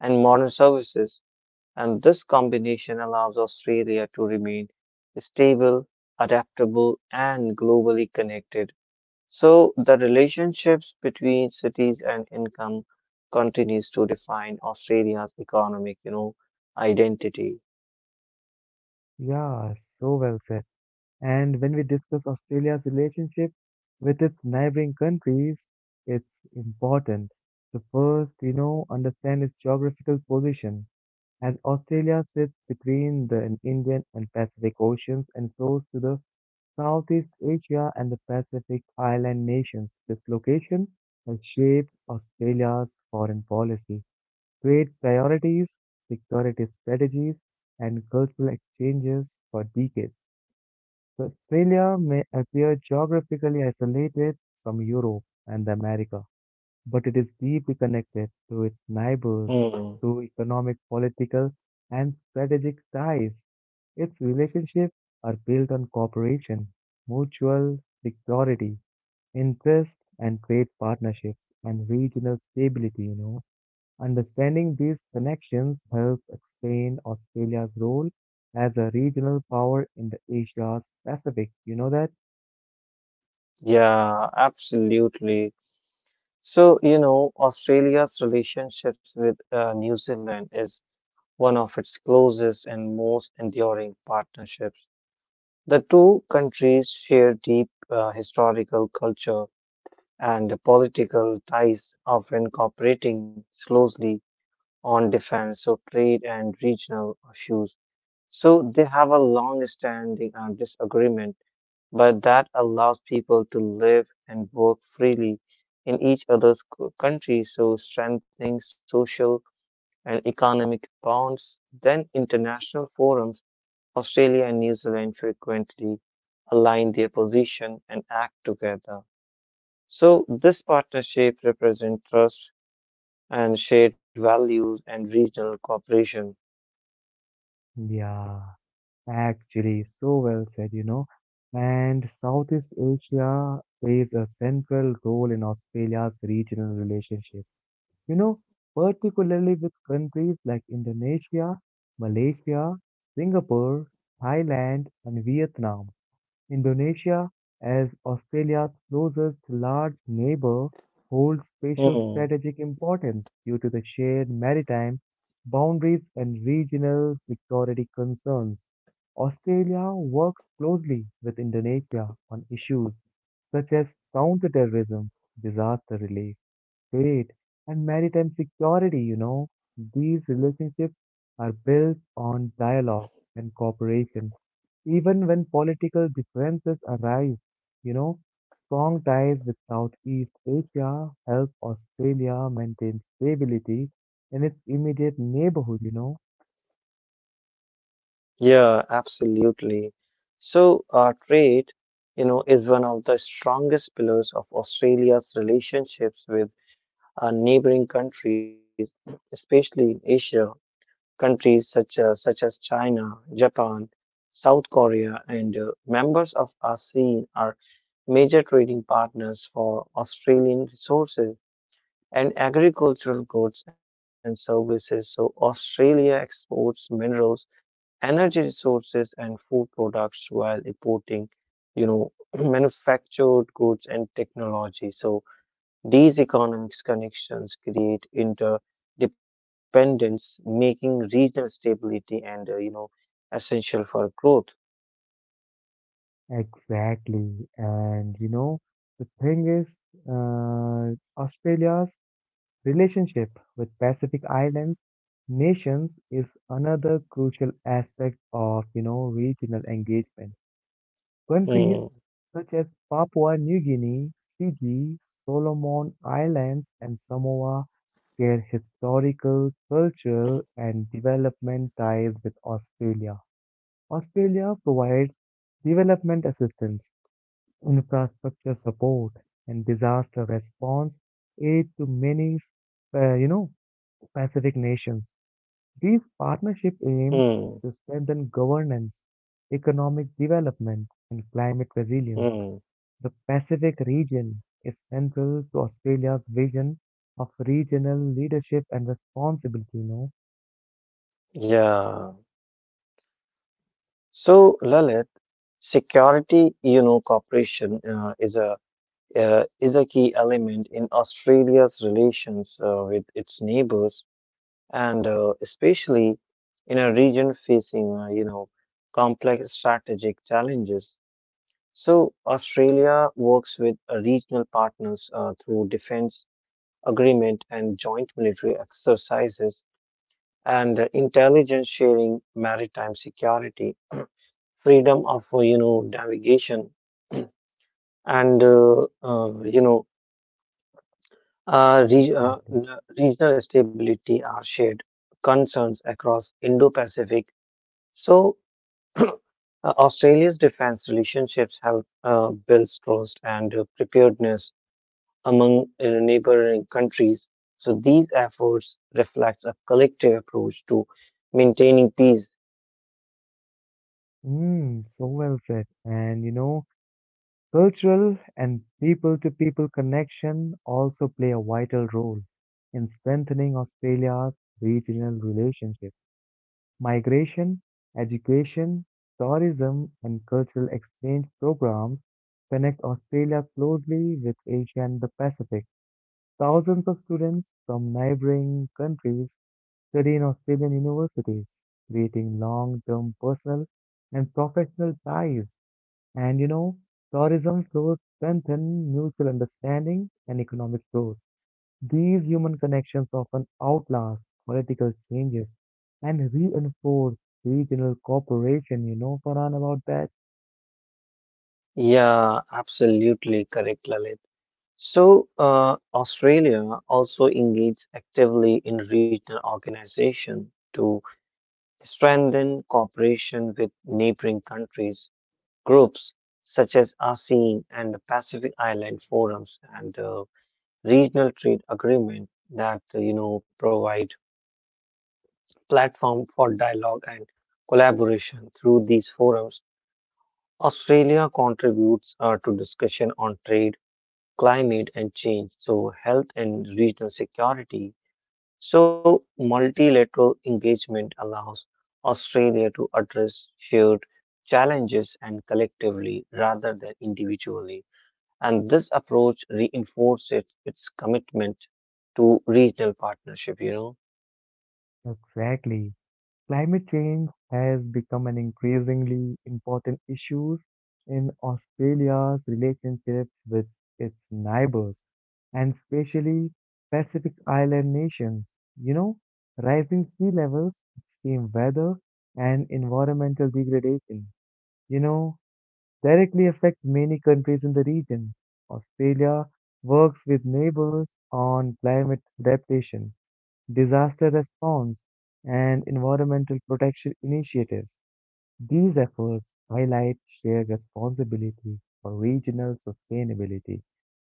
[SPEAKER 2] and modern services, and this combination allows Australia to remain stable, adaptable, and globally connected. So the relationships between cities and income continues to define Australia's economic, you know, identity.
[SPEAKER 1] yeah, so well said. And when we discuss Australia's relationship with its neighboring countries, it's important to first, understand its geographical position. As Australia sits between the Indian and Pacific Oceans and close to the Southeast Asia and the Pacific Island nations. This location has shaped Australia's foreign policy, trade priorities, security strategies, and cultural exchanges for decades. So Australia may appear geographically isolated from Europe and America, but it is deeply connected to its neighbors
[SPEAKER 2] Hmm.
[SPEAKER 1] through economic, political, and strategic ties. Its relationships are built on cooperation, mutual security, interest, and trade partnerships, and regional stability. Understanding these connections helps explain Australia's role as a regional power in the Asia Pacific. You know that?
[SPEAKER 2] Yeah, absolutely. So, you know, Australia's relationships with New Zealand is one of its closest and most enduring partnerships. The two countries share deep historical culture and political ties, often cooperating closely on defense, so trade and regional issues. So they have a long standing disagreement, but that allows people to live and work freely in each other's country, so strengthening social and economic bonds. Then international forums, Australia and New Zealand frequently align their position and act together. So this partnership represents trust and shared values and regional cooperation.
[SPEAKER 1] Yeah, actually, so well said, And Southeast Asia plays a central role in Australia's regional relationship you know, particularly with countries like Indonesia, Malaysia, Singapore, Thailand, and Vietnam. Indonesia, as Australia's closest large neighbor, holds special
[SPEAKER 2] Hmm.
[SPEAKER 1] strategic importance due to the shared maritime boundaries and regional security concerns. Australia works closely with Indonesia on issues such as counterterrorism, disaster relief, trade, and maritime security. These relationships are built on dialogue and cooperation. Even when political differences arise, you know, strong ties with Southeast Asia help Australia maintain stability in its immediate neighborhood.
[SPEAKER 2] Yeah, absolutely. So, trade, you know, is one of the strongest pillars of Australia's relationships with neighboring countries, especially in Asia. Countries such as China, Japan, South Korea, and members of ASEAN are major trading partners for Australian resources and agricultural goods and services. So, Australia exports minerals energy resources and food products while importing, you know, manufactured goods and technology. So these economic connections create interdependence, making regional stability and, essential for growth.
[SPEAKER 1] Exactly. And you know, the thing is, uh, Australia's relationship with Pacific Islands Nations is another crucial aspect of regional engagement.
[SPEAKER 2] Hmm,
[SPEAKER 1] Countries such as Papua New Guinea, Fiji, Solomon Islands, and Samoa share historical, cultural, and development ties with Australia. Australia provides development assistance, infrastructure support, and disaster response aid to many, uh, you know, Pacific nations. These partnership
[SPEAKER 2] hmm,
[SPEAKER 1] aims to strengthen governance, economic development, and climate
[SPEAKER 2] hmm.
[SPEAKER 1] resilience. The Pacific region is central to Australia's vision of regional leadership and responsibility.
[SPEAKER 2] Yeah. So, Lalit, security, you know, cooperation is a key element in Australia's relations with its neighbors. And especially in a region facing complex strategic challenges. So Australia works with regional partners through defense agreement and joint military exercises and intelligence sharing, maritime security, freedom of navigation, and you know re-
[SPEAKER 1] Exactly.
[SPEAKER 2] n- regional stability are shared concerns across Indo-Pacific. So, uh, Australia's defense relationships have built trust and preparedness among neighboring countries. So, these efforts reflect a collective approach to maintaining peace.
[SPEAKER 1] Mm, so well said. And cultural and people to people connection also play a vital role in strengthening Australia's regional relationships. Migration, education, tourism, and cultural exchange programs connect Australia closely with Asia and the Pacific. Thousands of students from neighboring countries study in Australian universities, creating long term personal and professional ties. And tourism flows strengthen mutual understanding and economic growth. These human connections often outlast political changes and reinforce regional cooperation. You know, Farhan, about that?
[SPEAKER 2] Yeah, absolutely correct, Lalit. So, Australia also engaged actively in regional organization to strengthen cooperation with neighboring countries. Groups such as ASEAN and the Pacific Island forums and the regional trade agreement that provide platform for dialogue and collaboration through these forums. Australia contributes to discussion on trade, climate and change, so health and regional security. So multilateral engagement allows Australia to address shared challenges and collectively rather than individually. And this approach reinforces its commitment to regional partnership, you know.
[SPEAKER 1] Exactly. Climate change has become an increasingly important issue in Australia's relationships with its neighbors, and especially Pacific Island nations. You know, rising sea levels, extreme weather, and environmental degradation. You know, directly affect many countries in the region. Australia works with neighbors on climate adaptation, disaster response, and environmental protection initiatives. These efforts highlight shared responsibility for regional sustainability.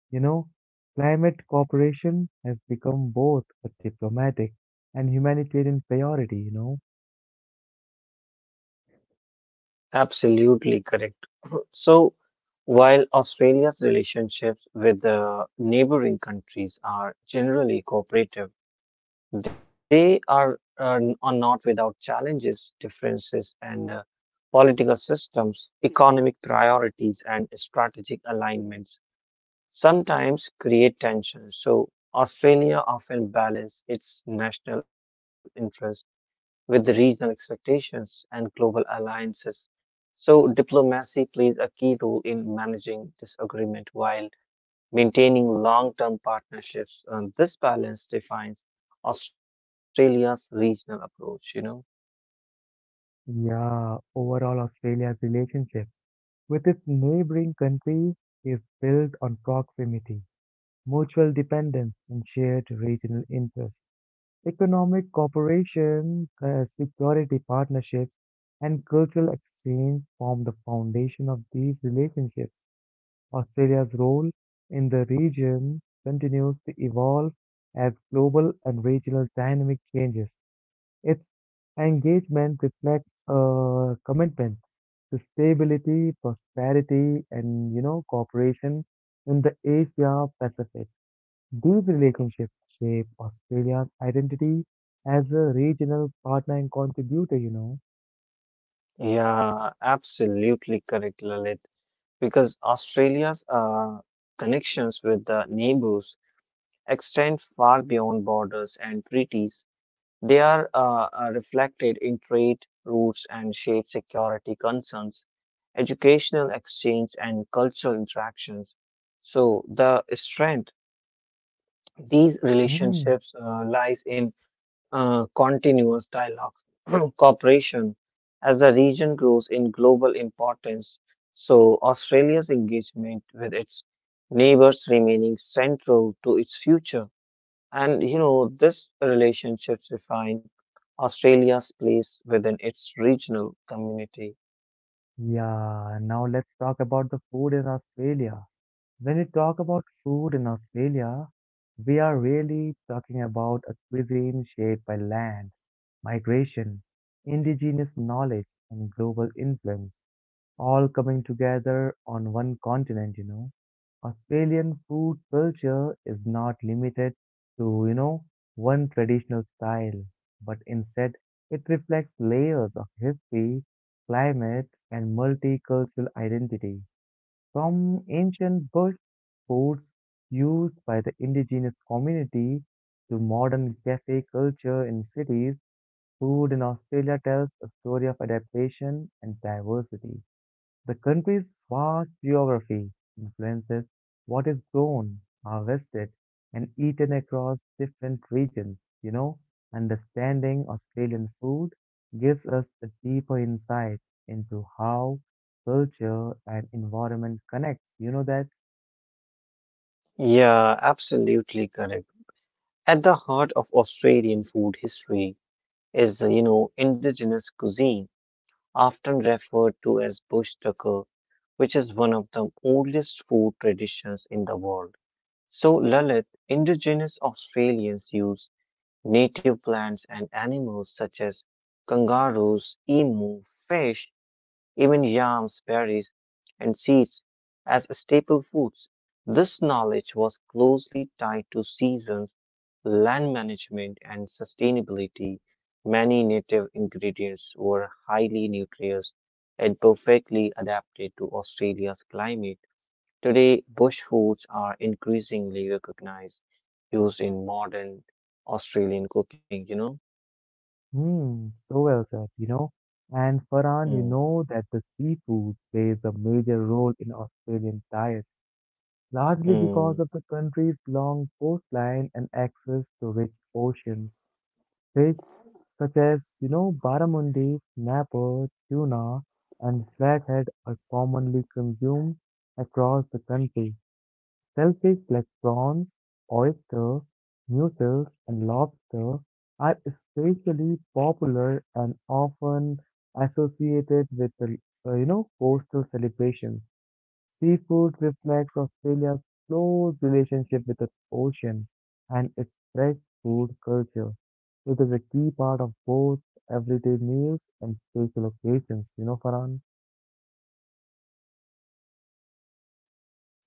[SPEAKER 1] You know, climate cooperation has become both a diplomatic and humanitarian priority.
[SPEAKER 2] Absolutely correct. So, while Australia's relationships with the neighboring countries are generally cooperative, they are not without challenges, differences, and political systems, economic priorities, and strategic alignments sometimes create tension. So Australia often balances its national interest with the regional expectations and global alliances. So diplomacy plays a key role in managing disagreement while maintaining long-term partnerships. And this balance defines Australia's regional approach, you know?
[SPEAKER 1] Yeah, overall Australia's relationship with its neighboring countries is built on proximity, mutual dependence, and shared regional interests. Economic cooperation, security partnerships, and cultural exchange form the foundation of these relationships. Australia's role in the region continues to evolve as global and regional dynamic changes. Its engagement reflects a commitment to stability, prosperity, and cooperation in the Asia Pacific. These relationships shape Australia's identity as a regional partner and contributor. You know.
[SPEAKER 2] Yeah, absolutely correct, Lalit. Because Australia's connections with the neighbors extend far beyond borders and treaties. They are reflected in trade routes and shared security concerns, educational exchange, and cultural interactions. So, the strength these
[SPEAKER 1] Mm.
[SPEAKER 2] relationships lies in continuous dialogue, cooperation. As the region grows in global importance, so Australia's engagement with its neighbors remaining central to its future. And you know, this relationship refined Australia's place within its regional community.
[SPEAKER 1] Yeah. Now let's talk about the food in Australia. When we talk about food in Australia, we are really talking about a cuisine shaped by land, migration, indigenous knowledge, and global influence, all coming together on one continent. Australian food culture is not limited to, one traditional style, but instead it reflects layers of history, climate, and multicultural identity. From ancient bird foods used by the indigenous community to modern cafe culture in cities, food in Australia tells a story of adaptation and diversity. The country's vast geography influences what is grown, harvested, and eaten across different regions. Understanding Australian food gives us a deeper insight into how culture and environment connects. You know that?
[SPEAKER 2] Yeah, absolutely correct. At the heart of Australian food history is, you know, indigenous cuisine, often referred to as bush tucker, which is one of the oldest food traditions in the world. So, Lalit, indigenous Australians use native plants and animals such as kangaroos, emu, fish, even yams, berries, and seeds as staple foods. This knowledge was closely tied to seasons, land management, and sustainability. Many native ingredients were highly nutritious and perfectly adapted to Australia's climate. Today, bush foods are increasingly recognized, used in modern Australian cooking, you know?
[SPEAKER 1] Hmm, so well said, And Farhan, you
[SPEAKER 2] Hmm.
[SPEAKER 1] know that the seafood plays a major role in Australian diets, largely
[SPEAKER 2] Hmm.
[SPEAKER 1] because of the country's long coastline and access to rich oceans. Fish such as, barramundi, snapper, tuna, and flathead are commonly consumed across the country. Shellfish like prawns, oyster, mussels, and lobster are especially popular and often associated with, coastal celebrations. Seafood reflects Australia's close relationship with its ocean and its fresh food culture. It is a key part of both everyday meals and special occasions, you know, Farhan.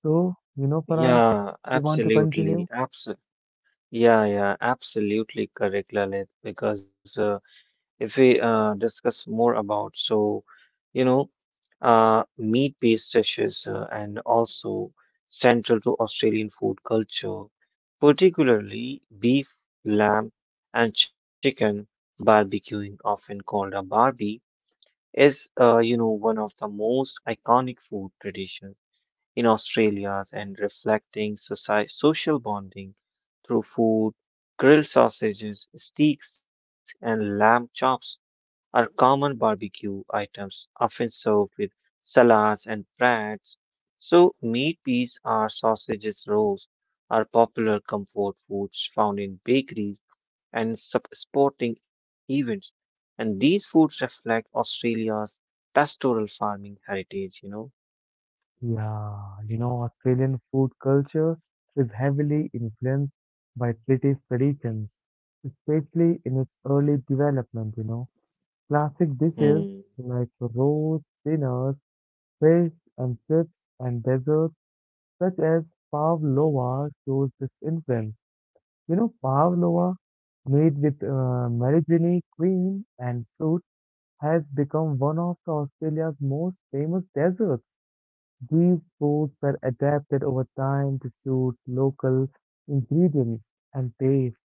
[SPEAKER 1] So, you know, Farhan,
[SPEAKER 2] Yeah,
[SPEAKER 1] if you want to continue,
[SPEAKER 2] absolutely. Yeah, absolutely correct, Lalit. Because if we discuss more about, so, you know, meat-based dishes and also central to Australian food culture, particularly beef, lamb, and chicken barbecuing, often called a barbie, is, one of the most iconic food traditions in Australia and reflecting social bonding through food. Grilled sausages, steaks, and lamb chops are common barbecue items, often served with salads and breads. So, meat pies or sausages rolls are popular comfort foods found in bakeries and sporting events. And these foods reflect Australia's pastoral farming heritage, you know.
[SPEAKER 1] yeah, you know, Australian food culture is heavily influenced by British traditions, especially in its early development, Classic
[SPEAKER 2] Hmm.
[SPEAKER 1] dishes like roast dinners, fish and chips, and desserts such as pavlova shows this influence. You know, pavlova made with Marijini cream and fruit has become one of the Australia's most famous desserts. These foods were adapted over time to suit local ingredients and taste.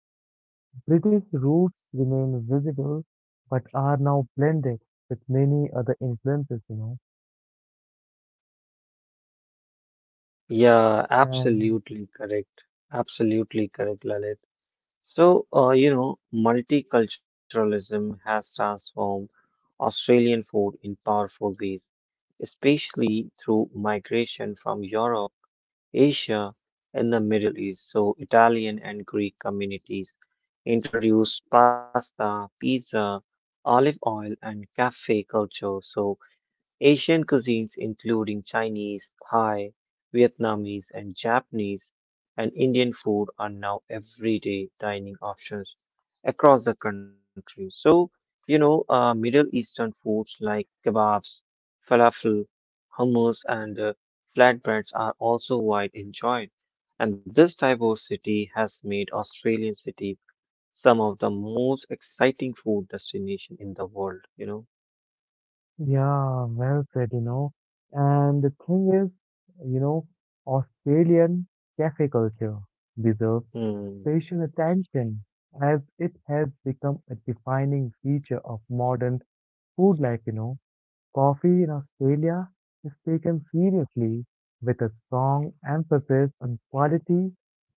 [SPEAKER 1] British roots remain visible but are now blended with many other influences,
[SPEAKER 2] Yeah,
[SPEAKER 1] And
[SPEAKER 2] absolutely correct. Absolutely correct, Lalit. So, multiculturalism has transformed Australian food in powerful ways, especially through migration from Europe, Asia, and the Middle East. So, Italian and Greek communities introduced pasta, pizza, olive oil, and cafe culture. So, Asian cuisines including Chinese, Thai, Vietnamese and Japanese and Indian food are now everyday dining options across the country. So, Middle Eastern foods like kebabs, falafel, hummus and flatbreads are also wide enjoyed. And this diversity has made Australian city some of the most exciting food destination in the world, you know.
[SPEAKER 1] yeah, well said, And the thing is, you know, Australian cafe culture deserves
[SPEAKER 2] Hmm.
[SPEAKER 1] special attention as it has become a defining feature of modern food life, Coffee in Australia is taken seriously with a strong emphasis on quality,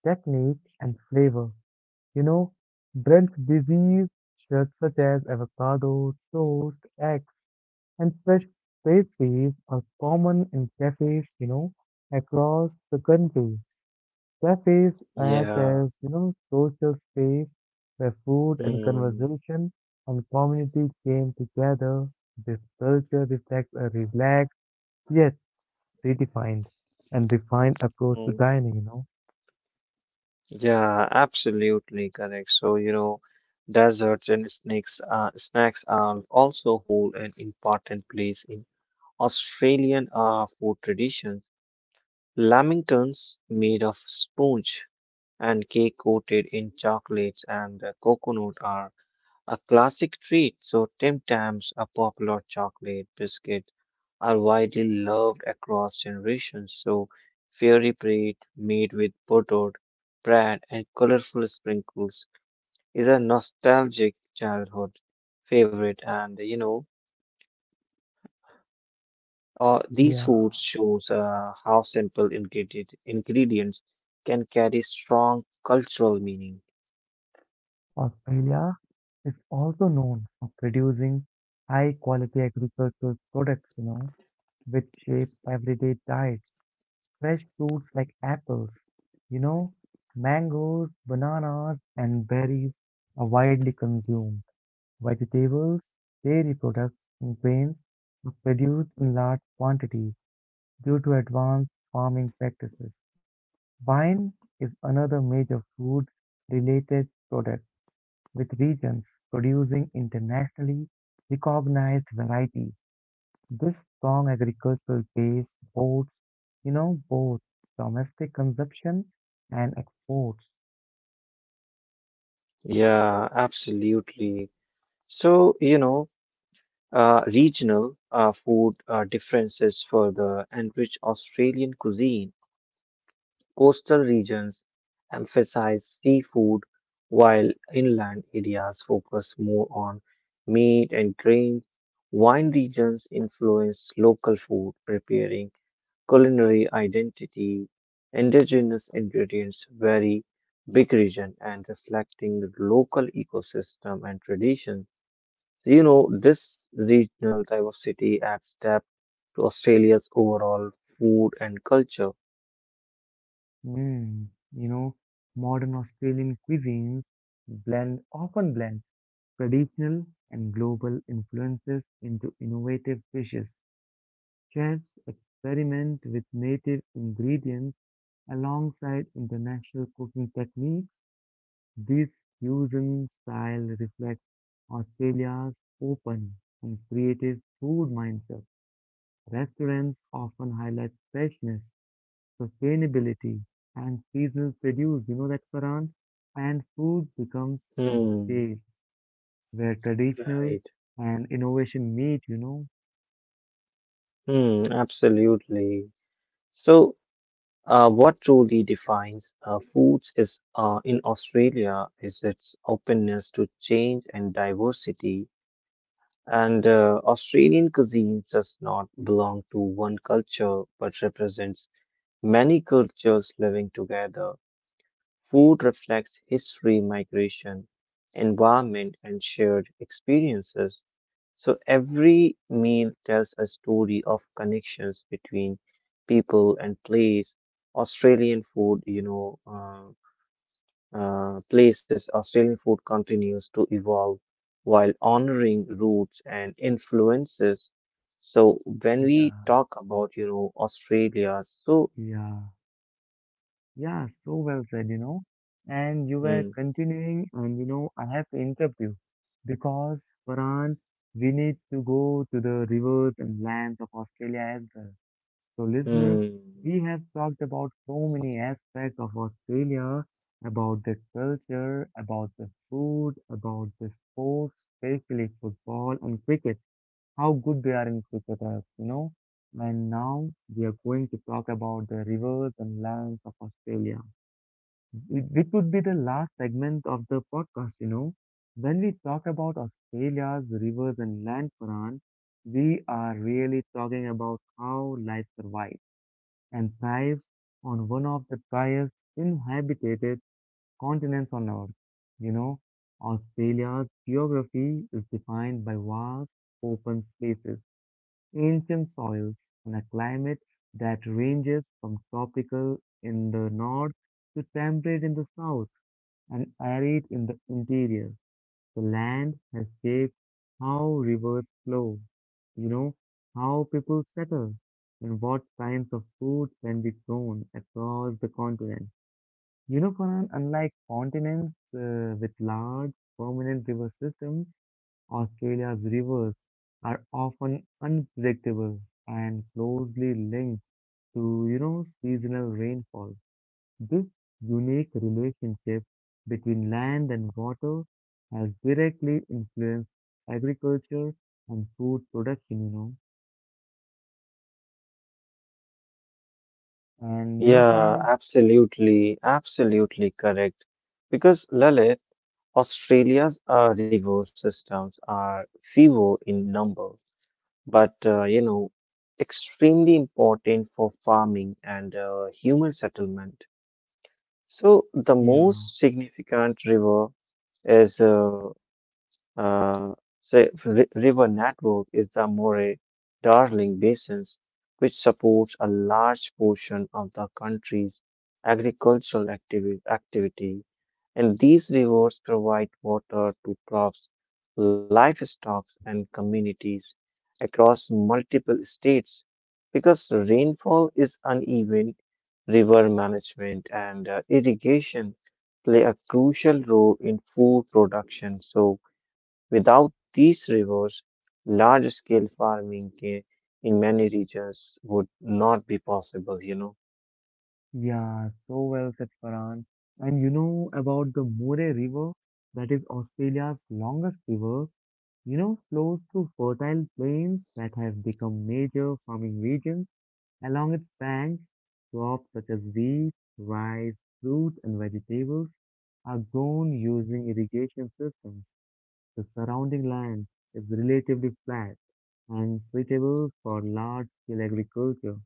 [SPEAKER 1] technique, and flavor. You know, brunch disease such as avocado, toast, eggs and fresh pastries are common in cafes, across the country. Cafes act as,
[SPEAKER 2] Yeah.
[SPEAKER 1] social space where food and
[SPEAKER 2] Hmm.
[SPEAKER 1] conversation and community came together. This culture reflects a relaxed yet redefined and refined approach to
[SPEAKER 2] Mm.
[SPEAKER 1] dining, you know.
[SPEAKER 2] Yeah, absolutely correct. So, you know, desserts and snacks are also hold an important place in Australian food traditions. Lamingtons made of sponge and cake coated in chocolates and coconut are a classic treat, so Tim Tams, a popular chocolate biscuit, are widely loved across generations. So fairy bread made with buttered bread and colorful sprinkles is a nostalgic childhood favorite. And you know, these
[SPEAKER 1] Yeah.
[SPEAKER 2] foods shows how ingredients can carry strong cultural meaning.
[SPEAKER 1] Australia is also known for producing high quality agricultural products, which shape everyday diets. Fresh fruits like apples, you know, mangoes, bananas, and berries are widely consumed. Vegetables, dairy products, and grains are produced in large quantities due to advanced farming practices. Wine is another major food related product with regions producing internationally recognized varieties. This strong agricultural base boasts, both domestic consumption and exports.
[SPEAKER 2] Yeah, absolutely. So you know, regional food differences further enrich Australian cuisine. Coastal regions emphasize seafood, while inland areas focus more on meat and grains. Wine regions influence local food preparing, culinary identity. Indigenous ingredients vary big region and reflecting the local ecosystem and traditions. So, you know, this regional diversity adds depth to Australia's overall food and culture.
[SPEAKER 1] Mm, you know, modern Australian cuisines blend often blend traditional and global influences into innovative dishes. Chefs experiment with native ingredients alongside international cooking techniques. This fusion style reflects Australia's open and creative food mindset. Restaurants often highlight freshness, sustainability, and seasonal produce. You know that, Farhan? And food becomes a
[SPEAKER 2] Hmm,
[SPEAKER 1] space where traditional
[SPEAKER 2] right.
[SPEAKER 1] and innovation meet, you know?
[SPEAKER 2] Hmm, absolutely. So, what truly defines foods is in Australia is its openness to change and diversity. And Australian cuisine does not belong to one culture, but represents many cultures living together. Food reflects history, migration, environment, and shared experiences. So every meal tells a story of connections between people and place. Australian food, Australian food continues to evolve while honoring roots and influences. So when we
[SPEAKER 1] Yeah,
[SPEAKER 2] talk about, you know, Australia, so,
[SPEAKER 1] yeah. Yeah, so well said, And you were
[SPEAKER 2] mm,
[SPEAKER 1] continuing, and you know, I have to interrupt you because, Farhan, we need to go to the rivers and lands of Australia as well. So, listeners,
[SPEAKER 2] mm,
[SPEAKER 1] we have talked about so many aspects of Australia, about the culture, about the food, about the sports, especially football and cricket, how good they are in cricket, as you know. And now we are going to talk about the rivers and lands of Australia. It would be the last segment of the podcast, you know. When we talk about Australia's rivers and land, Farhan, we are really talking about how life survives and thrives on one of the driest inhabited continents on Earth. You know, Australia's geography is defined by vast open spaces, ancient soils, and a climate that ranges from tropical in the north to temperate in the south and arid in the interior. The land has shaped how rivers flow, you know, how people settle, and what kinds of food can be grown across the continent. You know, Farhan, unlike continents with large permanent river systems, Australia's rivers are often unpredictable and closely linked to, seasonal rainfall. This unique relationship between land and water has directly influenced agriculture and food production, you know. And you know,
[SPEAKER 2] yeah,
[SPEAKER 1] Farhan,
[SPEAKER 2] absolutely, absolutely correct. Because Lalit, Australia's rigor systems are fewer in number, but extremely important for farming and human settlement. So the
[SPEAKER 1] Yeah,
[SPEAKER 2] most significant is uh, uh, river network is the Moray-Darling basins, which supports a large portion of the country's activity, and these rivers provide water to crops, livestock, and communities across multiple states. Because rainfall is uneven, river management and irrigation play a crucial role in food production. So without these rivers, large scale farming ca- in many regions would not be possible, you know.
[SPEAKER 1] yeah, so well said, Farhan. And you know about the Moray River, that is Australia's longest river, you know, flows through fertile plains that have become major farming regions. Along its banks, crops such as wheat, rice, fruit, and vegetables are grown using irrigation systems. The surrounding land is relatively flat and suitable for large-scale agriculture.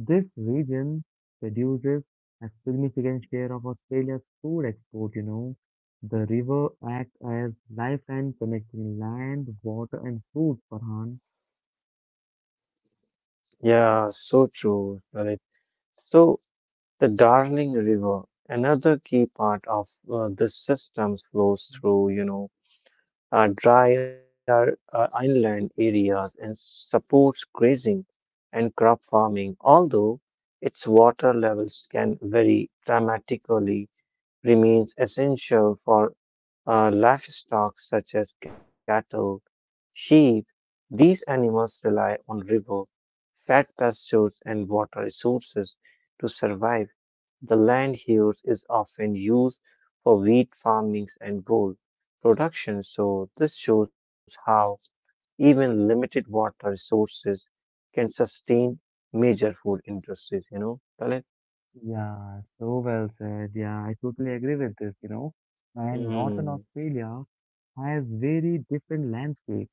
[SPEAKER 1] This region produces a significant share of Australia's food export, you know. The river acts as lifeline connecting land, water, and food, Farhan.
[SPEAKER 2] Yeah, so true, Lalit. So, the Darling River, another key part of the system, flows through, you know, drier inland areas and supports grazing and crop farming, although its water levels can vary dramatically remains essential for livestock such as cattle, sheep. These animals rely on river, fat pastures, and water resources to survive. The land here is often used for wheat farming and wool production, so this shows how even limited water resources can sustain major food industries, you know, Talib?
[SPEAKER 1] Yeah, so well said. Yeah, I totally agree with this, you know. And Northern
[SPEAKER 2] Mm,
[SPEAKER 1] Australia has very different landscape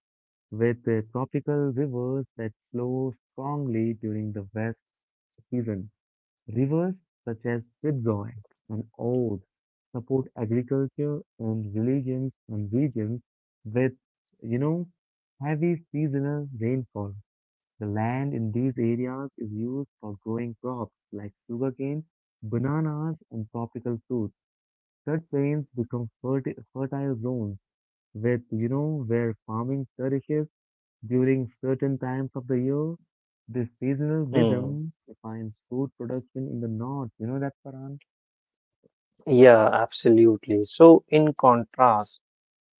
[SPEAKER 1] with tropical rivers that flow strongly during the west season. Rivers such as Fitzroy and Old support agriculture and religions and regions with, you know, heavy seasonal rainfall. The land in these areas is used for growing crops like sugarcane, bananas, and tropical fruits. Such plains become fertile zones with, where farming flourishes during certain times of the year. This seasonal
[SPEAKER 2] mm.
[SPEAKER 1] rhythm defines food production in the north. You know that, Paran?
[SPEAKER 2] Yeah, absolutely. So, in contrast,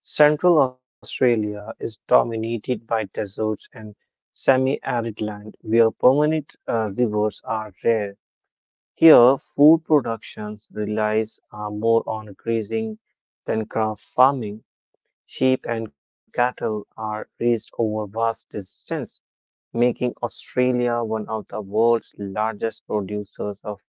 [SPEAKER 2] Central Australia is dominated by deserts and semi-arid land where permanent rivers are rare. Here, food productions relies more on grazing than craft farming. Sheep and cattle are raised over vast distance, making Australia one of the world's largest producers of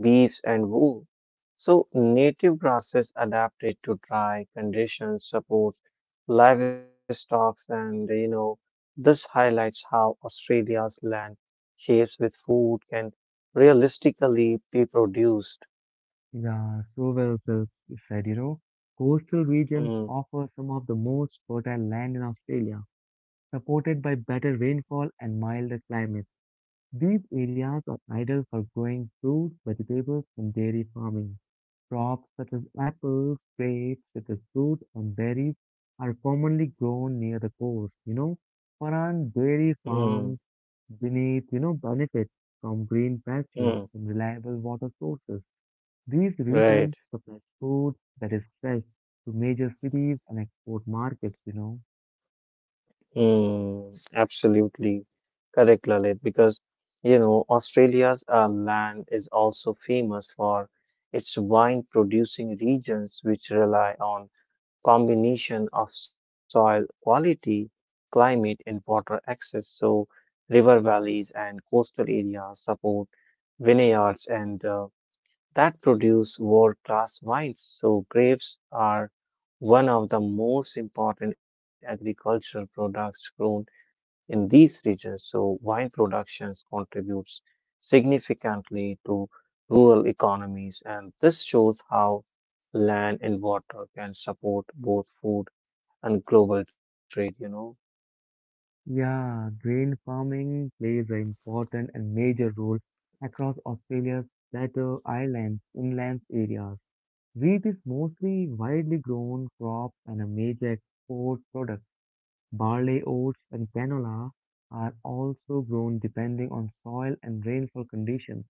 [SPEAKER 2] bees, and wool. So, native grasses adapted to dry conditions supports livestock, and you know, this highlights how Australia's land shapes with food can realistically be produced.
[SPEAKER 1] Yeah, so well said, you know. Coastal regions
[SPEAKER 2] Mm,
[SPEAKER 1] offer some of the most fertile land in Australia, supported by better rainfall and milder climates. These areas are ideal for growing fruits, vegetables, and dairy farming. Crops such as apples, grapes, citrus fruits, and berries are commonly grown near the coast. You know, foreign dairy
[SPEAKER 2] mm,
[SPEAKER 1] farms beneath, benefit from green
[SPEAKER 2] mm,
[SPEAKER 1] pastures and reliable water sources. These
[SPEAKER 2] right.
[SPEAKER 1] regions supply food that is fresh to major cities and export markets, you know.
[SPEAKER 2] Mm, absolutely correct, Lalit, because you know Australia's land is also famous for its wine-producing regions, which rely on combination of soil quality, climate, and water access. So, river valleys and coastal areas support vineyards and that produce world-class wines. So, grapes are one of the most important agricultural products grown in these regions, so wine productions contributes significantly to rural economies, and this shows how land and water can support both food and global trade, you know.
[SPEAKER 1] Yeah, grain farming plays an important and major role across Australia's plateau islands, inland areas. Wheat is mostly widely grown crop and a major export product. Barley, oats, and canola are also grown depending on soil and rainfall conditions.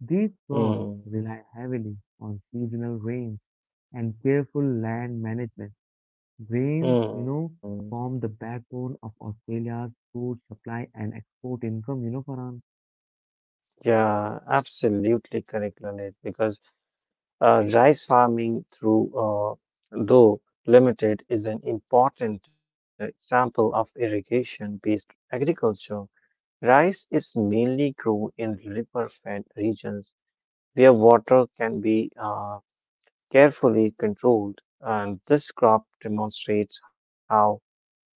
[SPEAKER 1] These crops
[SPEAKER 2] Hmm.
[SPEAKER 1] rely heavily on seasonal rains and careful land management. Grains,
[SPEAKER 2] Hmm.
[SPEAKER 1] form the backbone of Australia's food supply and export income, you know, Farhan.
[SPEAKER 2] Yeah, absolutely correct, Lalit, because rice farming through though limited is an important example of irrigation-based agriculture. Rice is mainly grown in river-fed regions where water can be carefully controlled, and this crop demonstrates how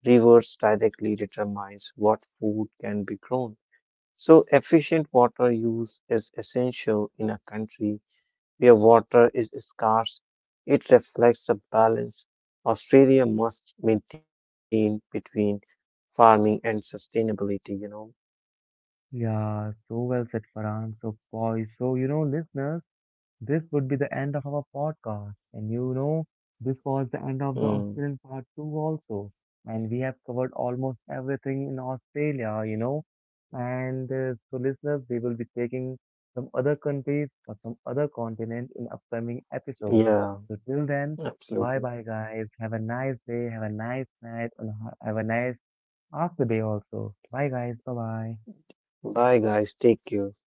[SPEAKER 2] rivers directly determines what food can be grown. So efficient water use is essential in a country where water is scarce. It reflects a balance Australia must maintain between farming and sustainability, you know.
[SPEAKER 1] Yeah, so well said, Farhan. So, boy, so you know, listeners. This would be the end of our podcast. And you know, this was the end of the Australian
[SPEAKER 2] Mm,
[SPEAKER 1] part 2 also. And we have covered almost everything in Australia, you know. And so, listeners, we will be taking some other countries or some other continent in upcoming episodes. So,
[SPEAKER 2] yeah.
[SPEAKER 1] till then, bye bye,
[SPEAKER 2] Absolutely.
[SPEAKER 1] guys. Have a nice day, have a nice night, and have a nice after day also. Bye, guys. Bye bye.
[SPEAKER 2] Bye, guys. Take care.